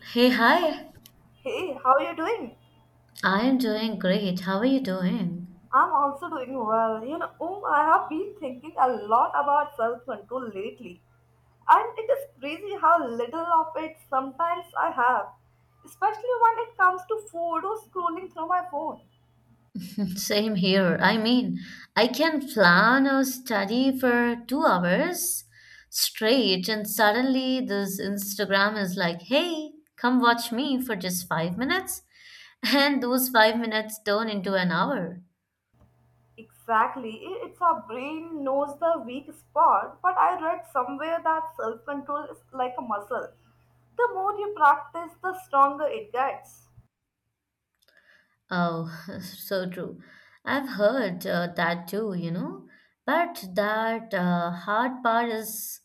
Hey, hi. Hey, how are you doing? I am doing great. How are you doing? I'm also doing well. I have been thinking a lot about self control lately, and it is crazy how little of it sometimes I have, especially when it comes to food or scrolling through my phone. Same here. I mean, I can plan or study for 2 hours straight, and suddenly this Instagram is like, hey, come watch me for just 5 minutes. And those 5 minutes turn into an hour. Exactly, it's our brain knows the weak spot, but I read somewhere that self control is like a muscle. The more you practice, the stronger it gets. Oh, so true. I've heard that too. But that hard part is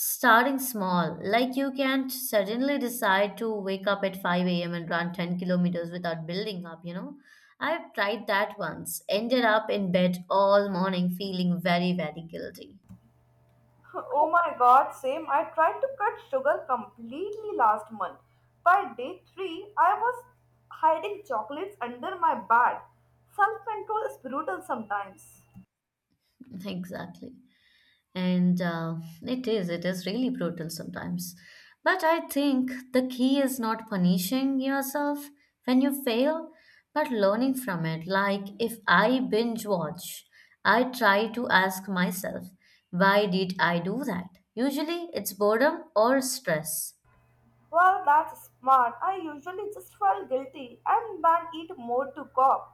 starting small, like you can't suddenly decide to wake up at 5 a.m. and run 10 kilometers without building up. I've tried that once, ended up in bed all morning feeling very, very guilty. Oh my god, same. I tried to cut sugar completely last month. By day 3, I was hiding chocolates under my bed. Self control is brutal sometimes. Exactly. And it is really brutal sometimes. But I think the key is not punishing yourself when you fail, but learning from it. Like if I binge watch, I try to ask myself, why did I do that? Usually it's boredom or stress. Well, that's smart. I usually just felt guilty and then eat more to cope.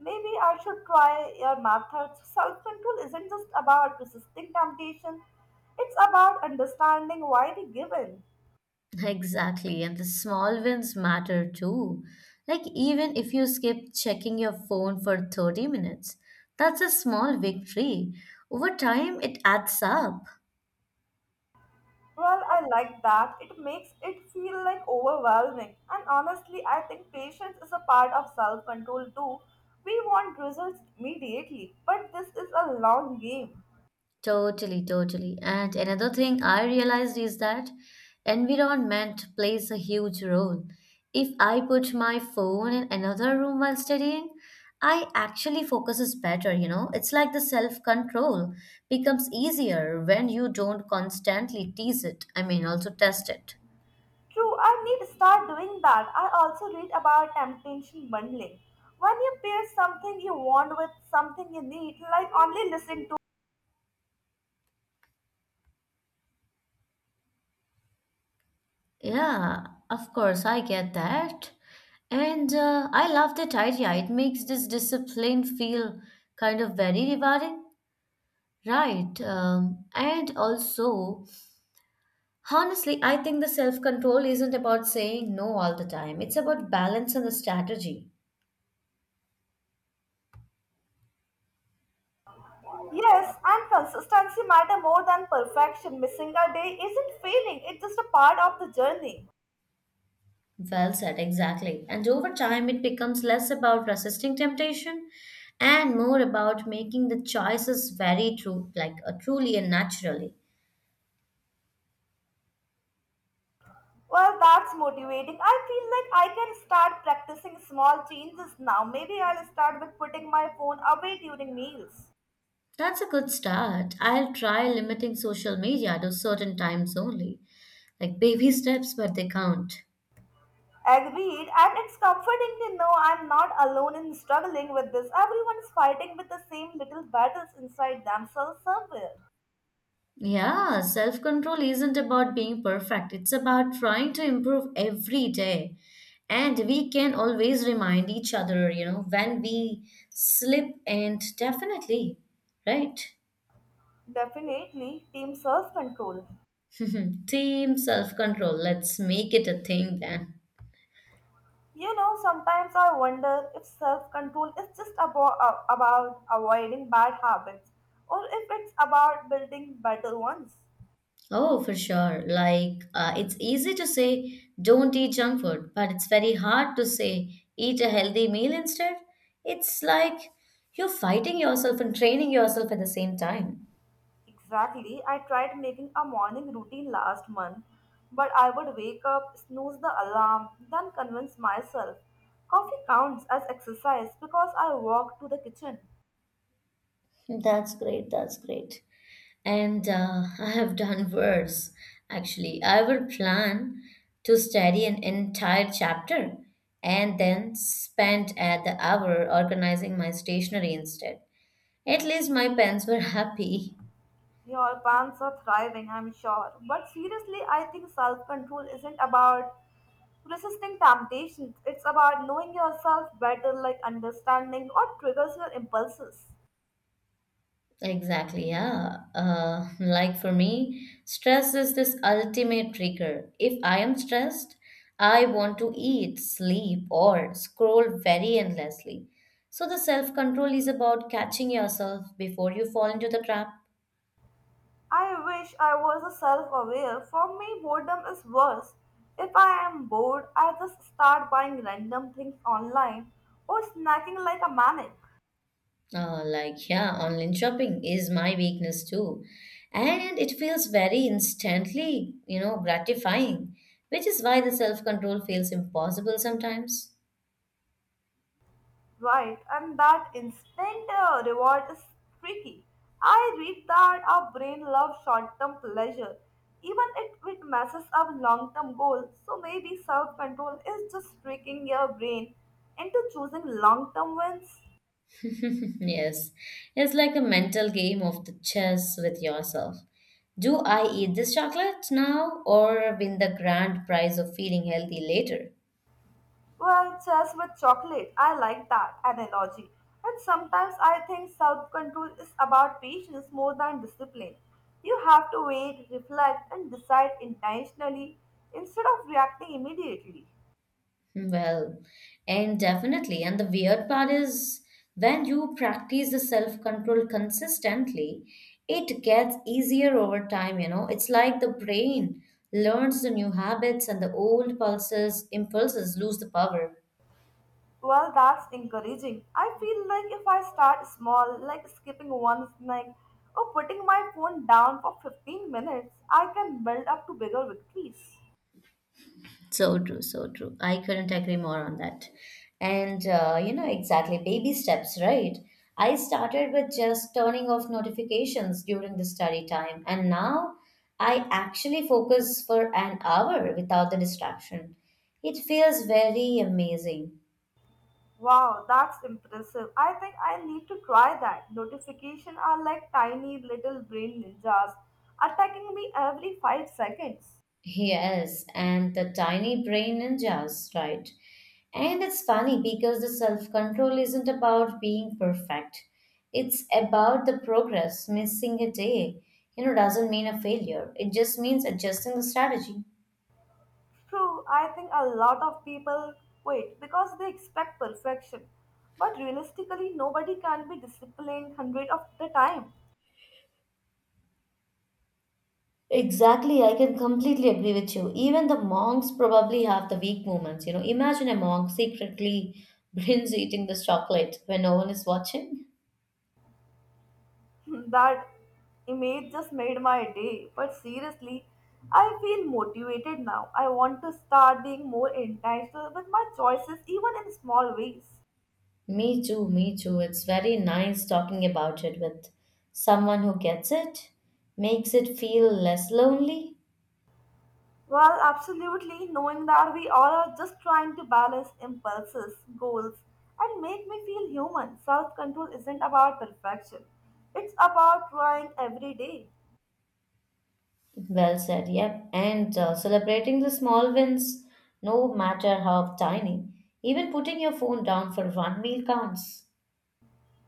Maybe I should try your methods. Self control isn't just about resisting temptation, it's about understanding why we give in. Exactly, and the small wins matter too. Like, even if you skip checking your phone for 30 minutes, that's a small victory. Over time, it adds up. Well, I like that. It makes it feel like overwhelming. And honestly, I think patience is a part of self control too. We want results immediately, but this is a long game. Totally, totally. And another thing I realized is that environment plays a huge role. If I put my phone in another room while studying, I actually focuses better. It's like the self-control becomes easier when you don't constantly tease it. I mean, also test it. True, I need to start doing that. I also read about temptation bundling. When you pair something you want with something you need, like only listen to. Yeah, of course, I get that. And I love that idea. It makes this discipline feel kind of very rewarding. Right. And also, honestly, I think the self control isn't about saying no all the time. It's about balance and the strategy. Yes, and consistency matter more than perfection. Missing a day isn't failing, it's just a part of the journey. Well said, exactly. And over time, it becomes less about resisting temptation and more about making the choices very true, like truly and naturally. Well, that's motivating. I feel like I can start practicing small changes now. Maybe I'll start with putting my phone away during meals. That's a good start. I'll try limiting social media to certain times only, like baby steps, but they count. Agreed, and it's comforting to know I'm not alone in struggling with this. Everyone's fighting with the same little battles inside themselves somewhere. Yeah, self control isn't about being perfect, it's about trying to improve every day. And we can always remind each other, you know, when we slip, and definitely, right? Definitely, team self control. Team self control, let's make it a thing then. You know, sometimes I wonder if self control is just about avoiding bad habits or if it's about building better ones. Oh, for sure. Like, it's easy to say, don't eat junk food, but it's very hard to say, eat a healthy meal instead. It's like you're fighting yourself and training yourself at the same time. Exactly. I tried making a morning routine last month, but I would wake up, snooze the alarm, then convince myself coffee counts as exercise because I walk to the kitchen. That's great. That's great. And I have done worse. Actually, I will plan to study an entire chapter and then spend at the hour organizing my stationery instead. At least my pens were happy. Your pants are thriving, I'm sure. But seriously, I think self control isn't about resisting temptations, it's about knowing yourself better, like understanding what triggers your impulses. Exactly, yeah. Like for me, stress is this ultimate trigger. If I am stressed, I want to eat, sleep, or scroll very endlessly. So the self control is about catching yourself before you fall into the trap. I wish I was a self-aware. For me, boredom is worse. If I am bored, I just start buying random things online or snacking like a maniac, Like, yeah, online shopping is my weakness too. And it feels very instantly, gratifying, which is why the self control feels impossible sometimes. right? And that instant reward is tricky. I read that our brain loves short-term pleasure, even if it messes up long-term goals. So maybe self-control is just tricking your brain into choosing long-term wins. Yes, it's like a mental game of the chess with yourself. Do I eat this chocolate now or win the grand prize of feeling healthy later? Well, chess with chocolate. I like that analogy. And sometimes I think self control is about patience more than discipline. You have to wait, reflect, and decide intentionally instead of reacting immediately. Hmm. Well, and definitely. And the weird part is when you practice the self control consistently, it gets easier over time. It's like the brain learns the new habits and the old pulses impulses lose the power. Well, that's encouraging. I feel like if I start small, like skipping one snack or putting my phone down for 15 minutes, I can build up to bigger victories. So true, so true. I couldn't agree more on that. And exactly, baby steps, right? I started with just turning off notifications during the study time, and now I actually focus for an hour without the distraction. It feels very amazing. Wow, that's impressive. I think I need to try that. Notifications are like tiny little brain ninjas attacking me every 5 seconds. Yes, and the tiny brain ninjas, right? And it's funny because the self control isn't about being perfect. It's about the progress. Missing a day, doesn't mean a failure. It just means adjusting the strategy. True, I think a lot of people quit because they expect perfection. But realistically, nobody can be disciplined 100 of the time. Exactly, I can completely agree with you. Even the monks probably have the weak moments. Imagine a monk secretly binge eating this chocolate when no one is watching. That image just made my day. But seriously, I feel motivated now. I want to start being more intentional with my choices, even in small ways. Me too, me too. It's very nice talking about it with someone who gets it, makes it feel less lonely. Well, absolutely, knowing that we all are just trying to balance impulses, goals, and make me feel human. Self control isn't about perfection, it's about trying every day. Well said, yep. And celebrating the small wins, no matter how tiny. Even putting your phone down for one meal counts.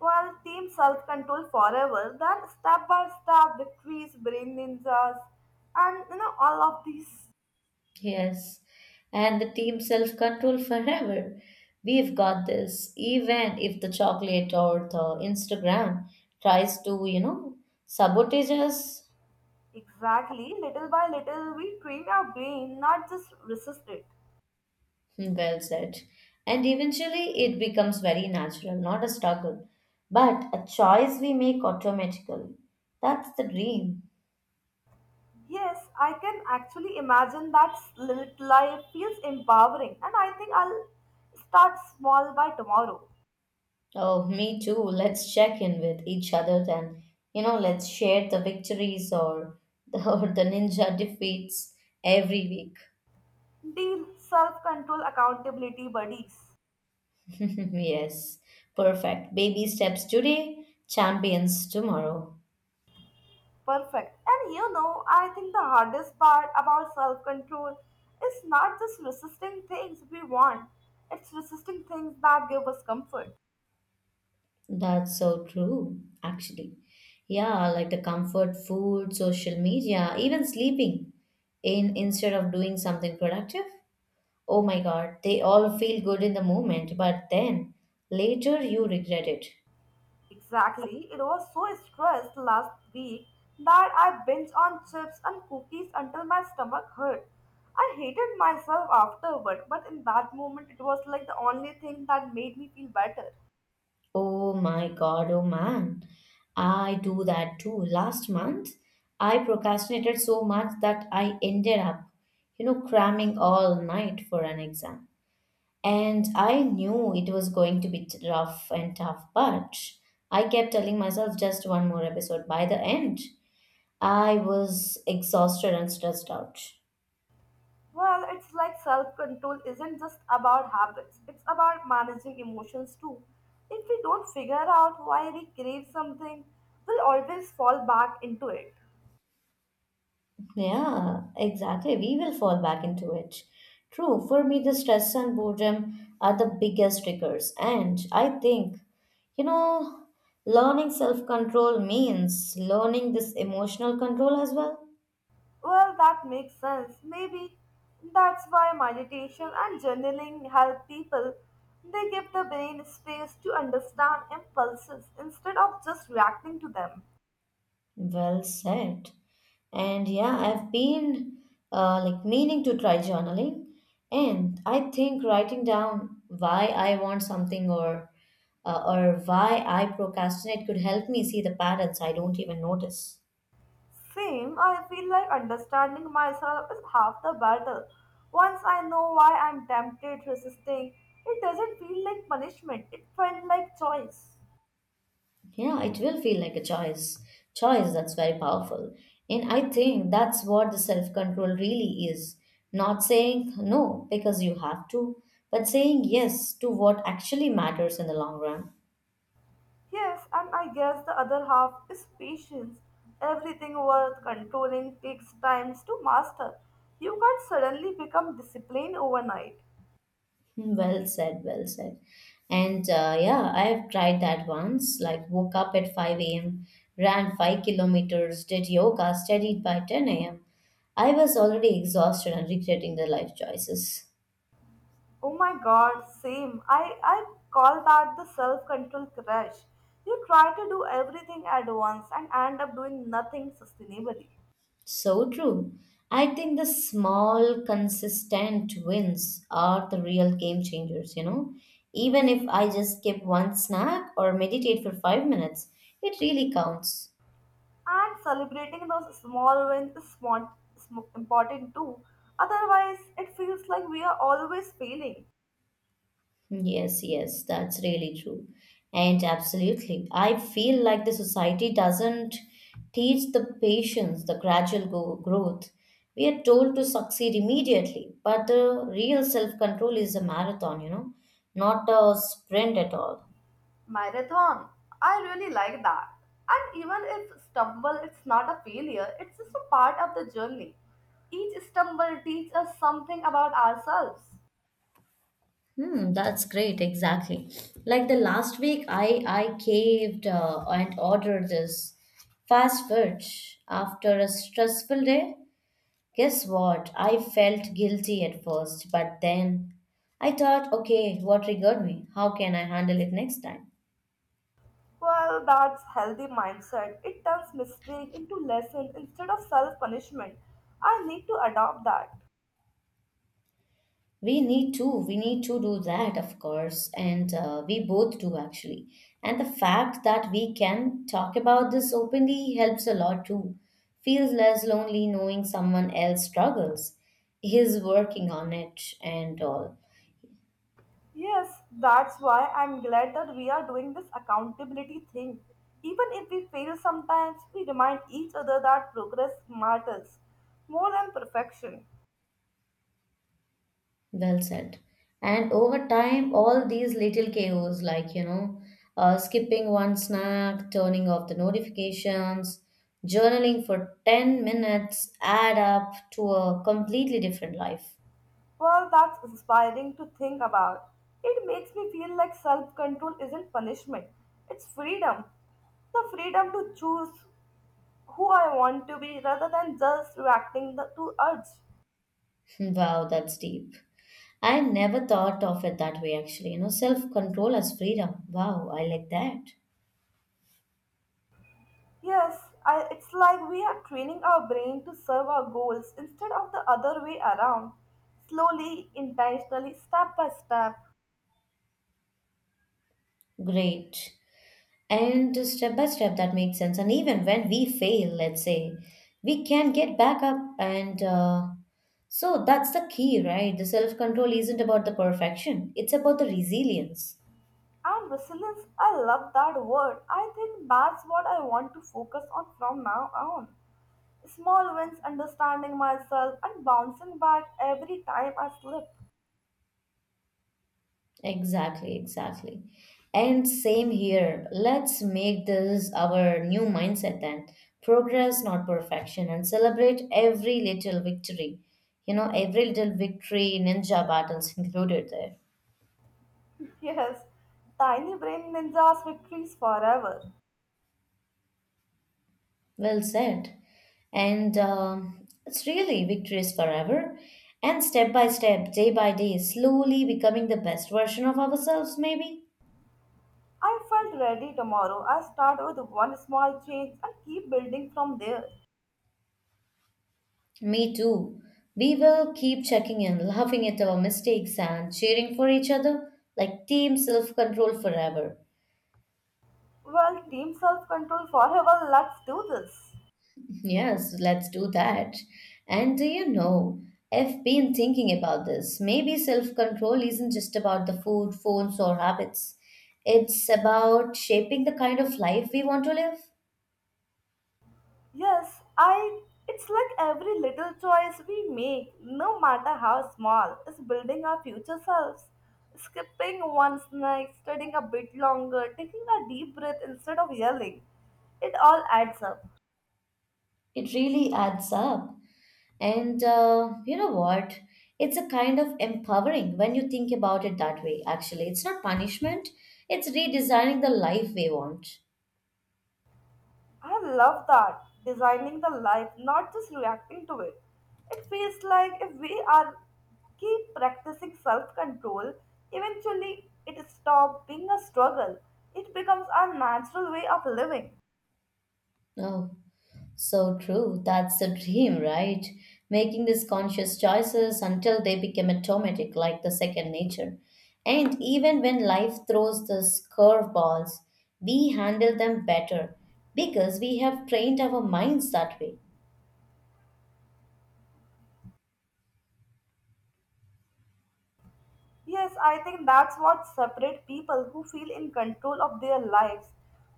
Well, team self control forever, then step by step victories, brain ninjas, and you know, all of these. Yes. And the team self control forever. We've got this. Even if the chocolate or the Instagram tries to, sabotage us. Exactly, little by little, we train our brain, not just resist it. Well said. And eventually it becomes very natural, not a struggle, but a choice we make automatically. That's the dream. Yes, I can actually imagine that slit life feels empowering, and I think I'll start small by tomorrow. Oh, me too. Let's check in with each other then. Let's share the victories or the, or the ninja defeats every week. Deal, self control, accountability buddies. Yes, perfect. Baby steps today, champions tomorrow. Perfect. And you know, I think the hardest part about self control is not just resisting things we want, it's resisting things that give us comfort. That's so true, actually. Yeah, like the comfort food, social media, even sleeping in instead of doing something productive. Oh my God, they all feel good in the moment, but then later you regret it. Exactly. It was so stressed last week that I binged on chips and cookies until my stomach hurt. I hated myself afterward, but in that moment it was like the only thing that made me feel better. Oh my God, oh man. I do that too. Last month, I procrastinated so much that I ended up, cramming all night for an exam. And I knew it was going to be rough and tough, but I kept telling myself just one more episode. By the end, I was exhausted and stressed out. Well, it's like self control isn't just about habits, it's about managing emotions too. If we don't figure out why we crave something, we'll always fall back into it. Yeah, exactly. We will fall back into it. True, for me, the stress and boredom are the biggest triggers. And I think, you know, learning self control means learning this emotional control as well. Well, that makes sense. Maybe that's why meditation and journaling help people. They give the brain space to understand impulses instead of just reacting to them. Well said. And yeah, I've been like meaning to try journaling. And I think writing down why I want something or why I procrastinate could help me see the patterns I don't even notice. Same, I feel like understanding myself is half the battle. Once I know why I'm tempted, resisting, it doesn't feel like punishment, it felt like choice. Yeah, it will feel like a choice. Choice that's very powerful. And I think that's what the self control really is. Not saying no because you have to, but saying yes to what actually matters in the long run. Yes, and I guess the other half is patience. Everything worth controlling takes time to master. You can't suddenly become disciplined overnight. Hmm. Well said, well said. And yeah, I have tried that once. Like, woke up at 5 a.m., ran 5 kilometers, did yoga, studied by 10 a.m. I was already exhausted and regretting the life choices. Oh my god, same. I call that the self control crash. You try to do everything at once and end up doing nothing sustainably. So true. I think the small, consistent wins are the real game changers. Even if I just skip one snack or meditate for 5 minutes, it really counts. And celebrating those small wins is smart, important too. Otherwise, it feels like we are always failing. Yes, yes, that's really true. And absolutely. I feel like the society doesn't teach the patience, the gradual growth. We are told to succeed immediately, but the real self control is a marathon, not a sprint at all. Marathon. I really like that. And even if stumble, it's not a failure, it's just a part of the journey. Each stumble teaches us something about ourselves. Hmm, that's great, exactly. Like the last week, I caved and ordered this fast food after a stressful day. Guess what? I felt guilty at first, but then I thought, okay, what triggered me? How can I handle it next time? Well, that's healthy mindset. It turns mistake into lesson instead of self-punishment. I need to adopt that. We need to do that, of course, and we both do actually. And the fact that we can talk about this openly helps a lot too. Feels less lonely knowing someone else struggles, is working on it and all. Yes, that's why I'm glad that we are doing this accountability thing. Even if we fail sometimes, we remind each other that progress matters more than perfection. Well said. And over time, all these little chaos, like, skipping one snack, turning off the notifications, journaling for 10 minutes, add up to a completely different life. Well, that's inspiring to think about. It makes me feel like self control isn't punishment, it's freedom. The freedom to choose who I want to be rather than just reacting the, to urge. Wow, that's deep. I never thought of it that way, actually. Self control as freedom. Wow, I like that. Yes, I, it's like we are training our brain to serve our goals instead of the other way around. Slowly, intentionally, step by step. Great. And step by step, that makes sense. And even when we fail, let's say, we can get back up, and so that's the key, right? The self control isn't about the perfection, it's about the resilience. And resilience, I love that word. I think that's what I want to focus on from now on. Small wins, understanding myself, and bouncing back every time I slip. Exactly, exactly. And same here. Let's make this our new mindset then, progress not perfection, and celebrate every little victory, every little victory, ninja battles included there. Yes, tiny brain ninjas victories forever. Well said. And it's really victories forever. And step by step, day by day, slowly becoming the best version of ourselves, maybe. I felt ready tomorrow. I start with one small change and keep building from there. Me too. We will keep checking in, laughing at our mistakes, and cheering for each other like team self control forever. Well, team self control forever. Let's do this. Yes, let's do that. And do you know, I've been thinking about this. Maybe self-control isn't just about the food, phones, or habits. It's about shaping the kind of life we want to live. Yes, I it's like every little choice we make, no matter how small, is building our future selves. Skipping one snack, studying a bit longer, taking a deep breath instead of yelling. It all adds up. It really adds up. And you know what? It's a kind of empowering when you think about it that way, actually. It's not punishment, it's redesigning the life we want. I love that. Designing the life, not just reacting to it. It feels like if we are keep practicing self-control, eventually it stops being a struggle. It becomes our natural way of living. Oh. So true. That's the dream, right? Making these conscious choices until they become automatic, like the second nature. And even when life throws these curveballs, we handle them better because we have trained our minds that way. Yes, I think that's what separates people who feel in control of their lives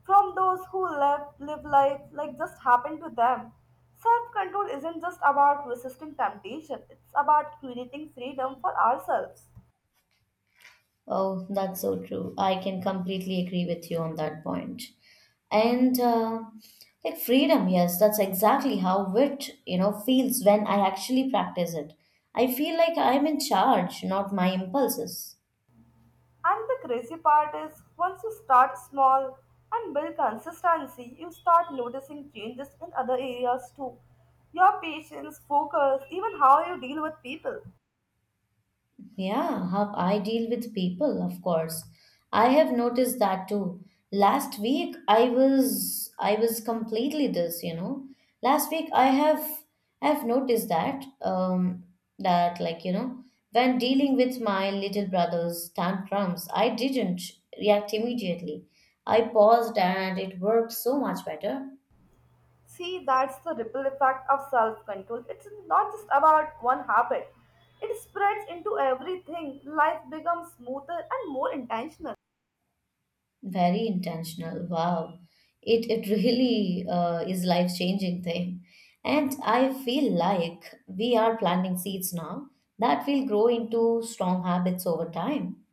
from those who live life like just happened to them. Self control isn't just about resisting temptation, it's about creating freedom for ourselves. Oh, that's so true. I can completely agree with you on that point. And like freedom, yes, that's exactly how wit, feels when I actually practice it. I feel like I'm in charge, not my impulses. And the crazy part is, once you start small and build consistency, you start noticing changes in other areas too. Your patience, focus, even how you deal with people. Yeah, how I deal with people, of course. I have noticed that too. Last week I was completely this, you know. Last week I have noticed that that, when dealing with my little brother's tantrums, I didn't react immediately. I paused and it worked so much better. See, that's the ripple effect of self control. It's not just about one habit, it spreads into everything. Life becomes smoother and more intentional. Very intentional. Wow. It really is life changing thing. And I feel like we are planting seeds now that will grow into strong habits over time.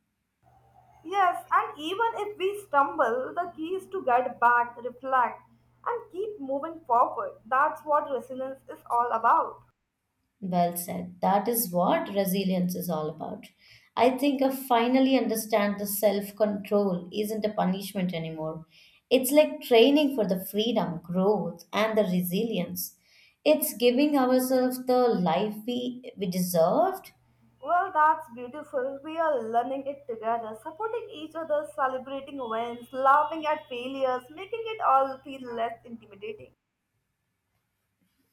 Yes, and even if we stumble, the key is to get back, reflect, and keep moving forward. That's what resilience is all about. Well said. That is what resilience is all about. I think I finally understand the self control isn't a punishment anymore. It's like training for the freedom, growth, and the resilience. It's giving ourselves the life we deserved. Well, that's beautiful. We are learning it together, supporting each other, celebrating wins, laughing at failures, making it all feel less intimidating.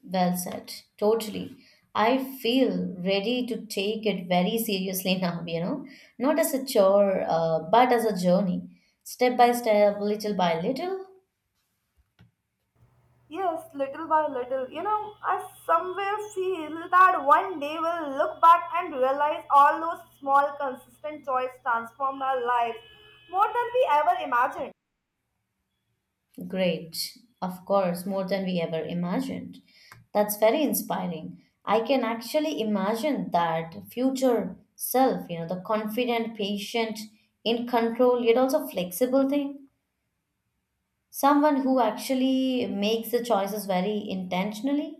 Well said. Totally. I feel ready to take it very seriously now, you know, not as a chore, but as a journey, step by step, little by little. Yes, little by little. You know, I somewhere feel that one day we'll look back and realize all those small, consistent joys transformed our lives more than we ever imagined. Great. Of course, more than we ever imagined. That's very inspiring. I can actually imagine that future self, you know, the confident, patient, in control, yet also flexible thing. Someone who actually makes the choices very intentionally.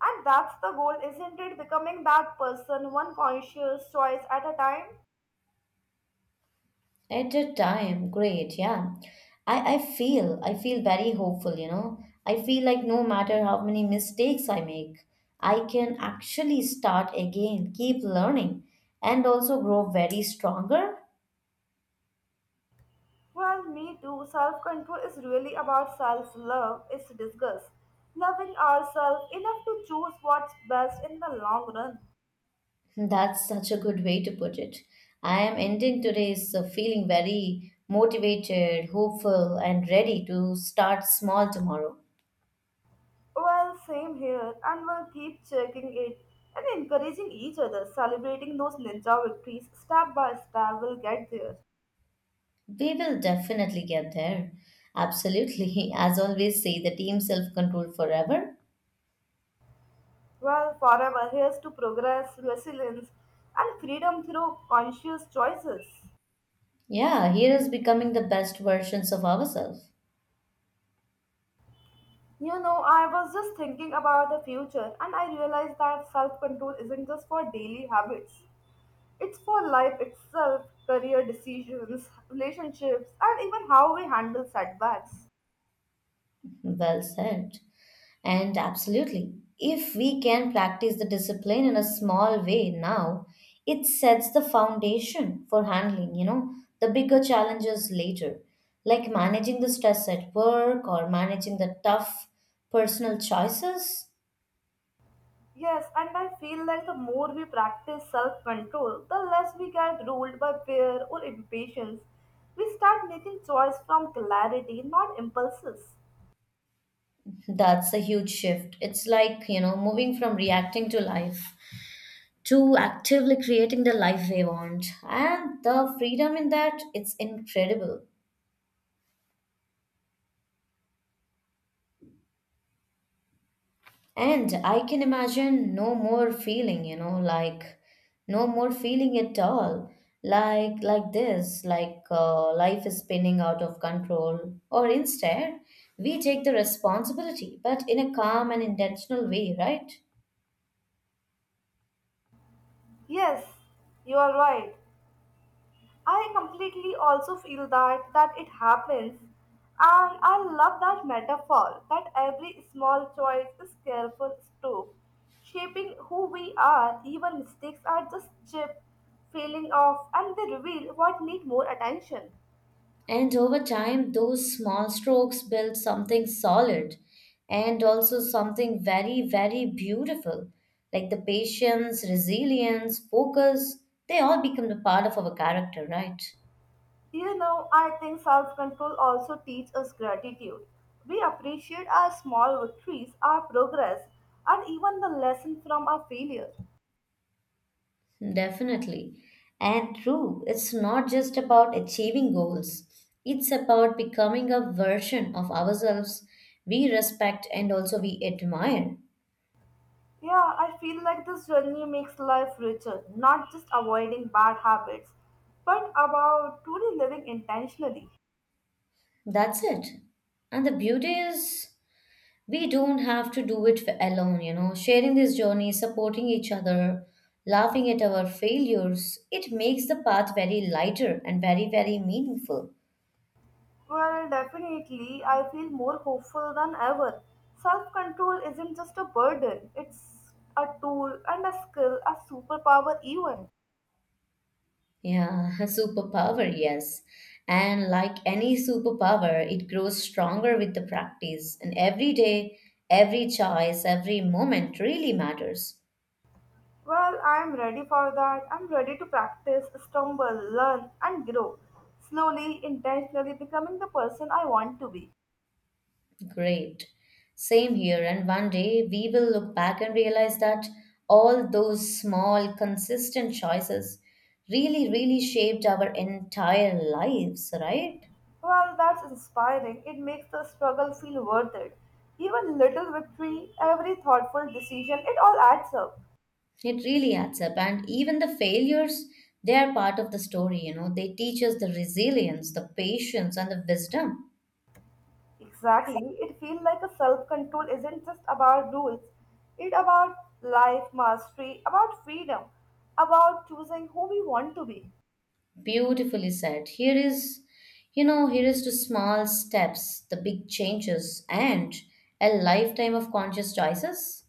And that's the goal, isn't it? Becoming that person, one conscious choice at a time. At that time, great, yeah. I feel very hopeful, you know. I feel like no matter how many mistakes I make, I can actually start again, keep learning, and also grow very stronger. Well, me too. Self control is really about self love, it's disgust. Loving ourselves enough to choose what's best in the long run. That's such a good way to put it. I am ending today's feeling very motivated, hopeful, and ready to start small tomorrow. Well, same here, and we'll keep checking it and encouraging each other, celebrating those ninja victories step by step. We'll get there. We will definitely get there. Absolutely. As always, say the team self control forever. Well, forever, here's to progress, resilience, and freedom through conscious choices. Yeah, here is becoming the best versions of ourselves. You know, I was just thinking about the future, and I realized that self control isn't just for daily habits, it's for life itself, career decisions, relationships, and even how we handle setbacks. Well said. And absolutely, if we can practice the discipline in a small way now, it sets the foundation for handling, you know, the bigger challenges later, like managing the stress at work or managing the tough personal choices. Yes, and I feel like the more we practice self control, the less we get ruled by fear or impatience. We start making choice from clarity, not impulses. That's a huge shift. It's like, you know, moving from reacting to life, to actively creating the life they want. And the freedom in that, it's incredible. And I can imagine no more feeling, you know, like no more feeling at all. Like this, like life is spinning out of control. Or instead, we take the responsibility, but in a calm and intentional way, right? Yes, you are right. I completely also feel that it happens. And I love that metaphor that every small choice is careful stroke, shaping who we are. Even mistakes are just chip, feeling off, and they reveal what need more attention. And over time, those small strokes build something solid and also something very, very beautiful. Like the patience, resilience, focus, they all become the part of our character, right? You know, I think self control also teaches us gratitude. We appreciate our small victories, our progress, and even the lesson from our failure. Definitely. And true, it's not just about achieving goals, it's about becoming a version of ourselves we respect and also we admire. Yeah, I feel like this journey makes life richer, not just avoiding bad habits, but about truly living intentionally. That's it. And the beauty is, we don't have to do it alone. You know, sharing this journey, supporting each other, laughing at our failures, it makes the path very lighter and very, very meaningful. Well, definitely, I feel more hopeful than ever. Self control isn't just a burden, it's a tool and a skill, a superpower, even. Yeah, superpower, yes. And like any superpower, it grows stronger with the practice, and every day, every choice, every moment really matters. Well, I'm ready for that. I'm ready to practice, stumble, learn, and grow. Slowly, intentionally becoming the person I want to be. Great. Same here. And one day we will look back and realize that all those small, consistent choices really, really shaped our entire lives, right? Well, that's inspiring. It makes the struggle feel worth it. Even little victory, every thoughtful decision, it all adds up. It really adds up. And even the failures, they are part of the story, you know. They teach us the resilience, the patience, and the wisdom. Exactly. It feels like a self-control isn't just about rules. It's about life mastery, about freedom, about choosing who we want to be. Beautifully said. Here is to small steps, the big changes, and a lifetime of conscious choices.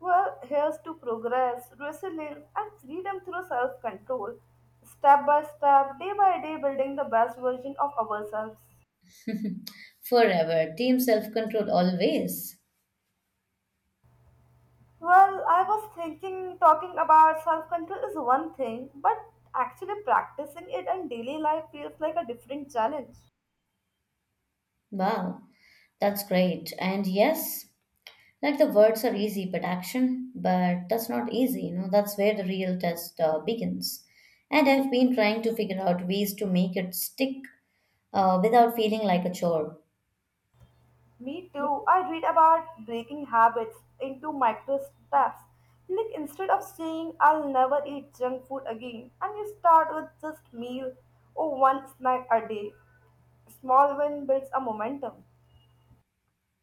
Well, here's to progress, resilience, and freedom through self control, step by step, day by day, building the best version of ourselves. Forever. Team self control always. I was thinking talking about self control is one thing, but actually practicing it in daily life feels like a different challenge. Wow. That's great. And yes, like the words are easy, but action, but that's not easy. You know, that's where the real test begins. And I've been trying to figure out ways to make it stick without feeling like a chore. Me too. I read about breaking habits into micro steps. Like instead of saying I'll never eat junk food again, and you start with just meal or one snack a day. Small win builds a momentum.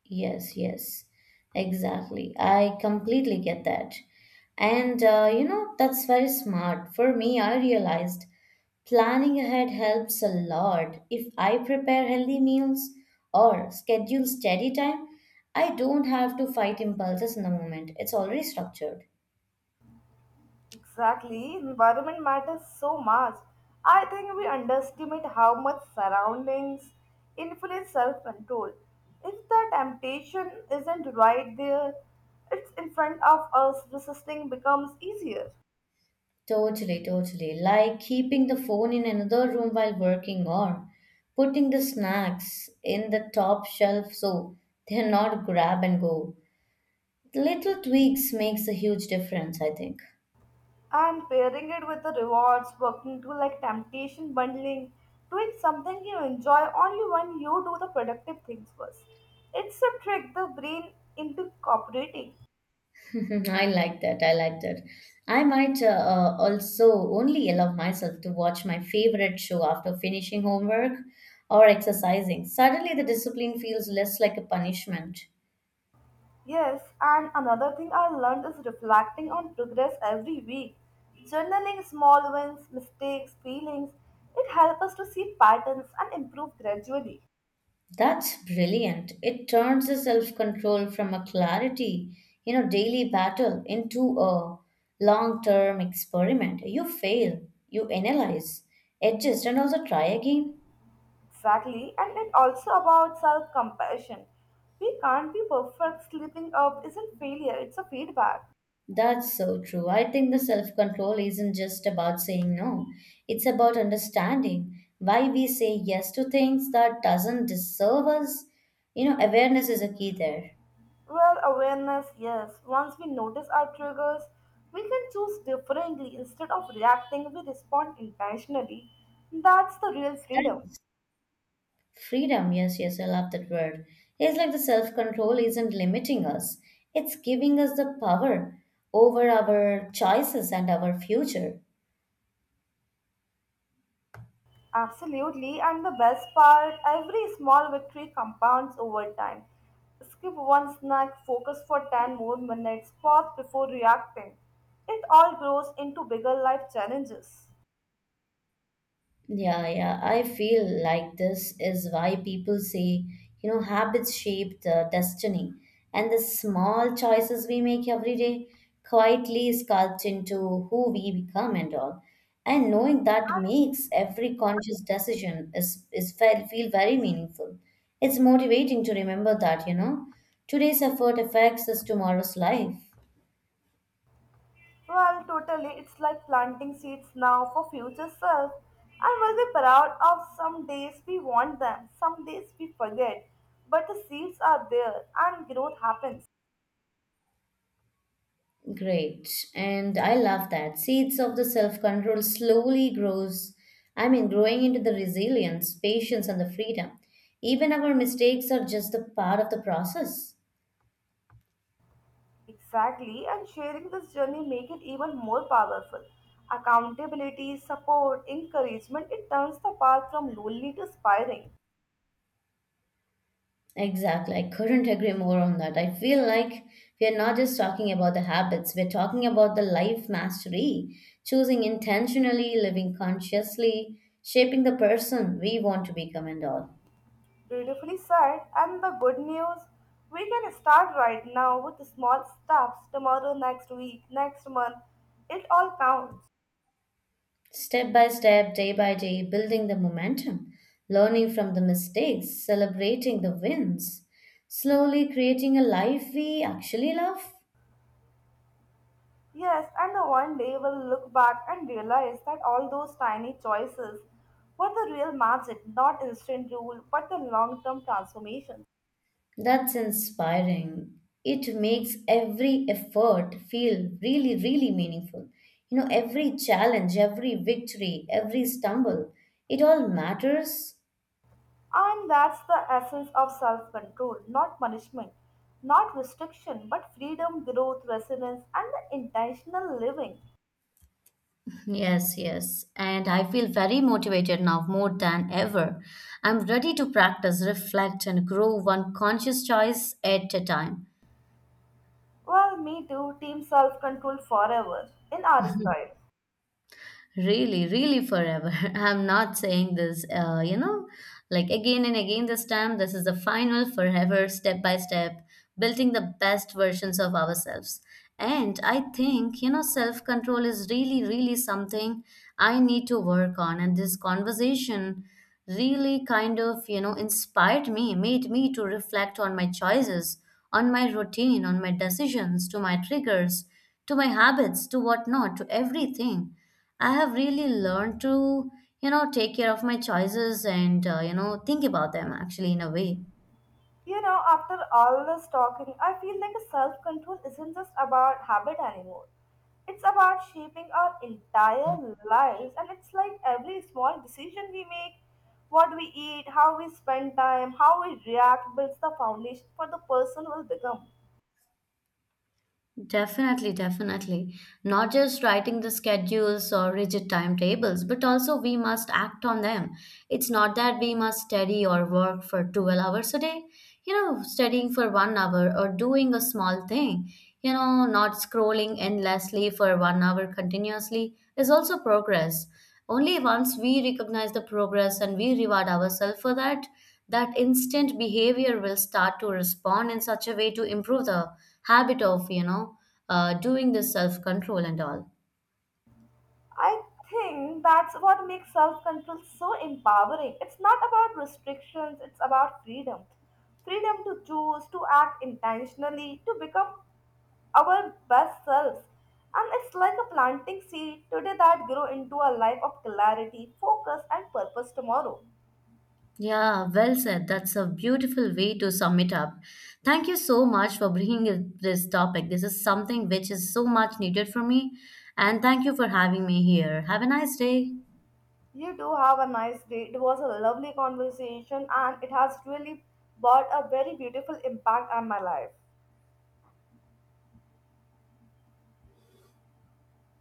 Yes, yes, exactly. I completely get that. And you know, that's very smart. For me, I realized planning ahead helps a lot. If I prepare healthy meals or schedule steady time, I don't have to fight impulses in the moment. It's already structured. Exactly. Environment matters so much. I think we underestimate how much surroundings influence self control. If the temptation isn't right there, it's in front of us, resisting becomes easier. Totally, totally. Like keeping the phone in another room while working, or putting the snacks in the top shelf so they're not grab and go. Little tweaks makes a huge difference, I think. And pairing it with the rewards, working to like temptation bundling, doing something you enjoy only when you do the productive things first. It's a trick the brain into cooperating. I like that. I might also only allow myself to watch my favorite show after finishing homework or exercising. Suddenly, the discipline feels less like a punishment. Yes, and another thing I learned is reflecting on progress every week. Journaling small wins, mistakes, feelings, it helps us to see patterns and improve gradually. That's brilliant. It turns the self control from a clarity, you know, daily battle into a long term experiment. You fail, you analyze, adjust, and also try again. Exactly, and it also about self compassion. We can't be perfect. Slipping up isn't failure, it's a feedback. That's so true. I think the self control isn't just about saying no. It's about understanding why we say yes to things that doesn't deserve us. You know, awareness is a key there. Well, awareness, yes. Once we notice our triggers, we can choose differently. Instead of reacting, we respond intentionally. That's the real freedom. That's freedom. Yes, yes, I love that word. It's like the self control isn't limiting us. It's giving us the power over our choices and our future. Absolutely, and the best part, every small victory compounds over time. Skip one snack, focus for 10 more minutes, pause before reacting. It all grows into bigger life challenges. Yeah, yeah. I feel like this is why people say, you know, habits shape the destiny. And the small choices we make every day quietly sculpt into who we become and all. And knowing that And makes every conscious decision feel very meaningful. It's motivating to remember that, you know, today's effort affects us tomorrow's life. Totally, it's like planting seeds now for future self. And we'll be proud of some days we want them, some days we forget. But the seeds are there and growth happens. Great. And I love that. Seeds of the self-control slowly grows, I mean, growing into the resilience, patience, and the freedom. Even our mistakes are just the part of the process. Exactly, and sharing this journey make it even more powerful. Accountability, support, encouragement, it turns the path from lonely to inspiring. Exactly. I couldn't agree more on that. I feel like we are not just talking about the habits, we're talking about the life mastery, choosing intentionally, living consciously, shaping the person we want to become and all. Beautifully said, and the good news, we can start right now with small steps tomorrow, next week, next month. It all counts. Step by step, day by day, building the momentum, learning from the mistakes, celebrating the wins, slowly creating a life we actually love. Yes, and the one day we'll look back and realize that all those tiny choices were the real magic, not instant rule, but the long-term transformation. That's inspiring. It makes every effort feel really, really meaningful. You know, every challenge, every victory, every stumble, it all matters. And that's the essence of self control, not punishment, not restriction, but freedom, growth, resilience, and the intentional living. Yes, yes. And I feel very motivated now more than ever. I'm ready to practice, reflect, and grow one conscious choice at a time. Well, me too, team self control forever in our style. Really, really forever. I'm not saying this, you know, like again and again this time. This is the final forever, step by step, building the best versions of ourselves. And I think, you know, self control is really, really something I need to work on. And this conversation really kind of, you know, inspired me, made me to reflect on my choices, on my routine, on my decisions, to my triggers, to my habits, to whatnot, to everything. I have really learned to, you know, take care of my choices and, you know, think about them actually in a way. You know, after all this talking, I feel like a self control isn't just about habit anymore. It's about shaping our entire lives, and it's like every small decision we make, what we eat, how we spend time, how we react, builds the foundation for the person we'll become. Definitely, definitely. Not just writing the schedules or rigid timetables, but also we must act on them. It's not that we must study or work for 12 hours a day, you know, studying for one hour or doing a small thing, you know, not scrolling endlessly for one hour continuously is also progress. Only once we recognize the progress and we reward ourselves for that, that instant behavior will start to respond in such a way to improve the habit of, you know, doing the self control and all. I think that's what makes self control so empowering. It's not about restrictions, it's about freedom. Freedom to choose, to act intentionally, to become our best selves. And it's like a planting seed today that grow into a life of clarity, focus, and purpose tomorrow. Yeah, well said. That's a beautiful way to sum it up. Thank you so much for this topic. This is something which is so much needed for me. And thank you for having me here. Have a nice day. You do have a nice day. It was a lovely conversation, and it has really brought a very beautiful impact on my life.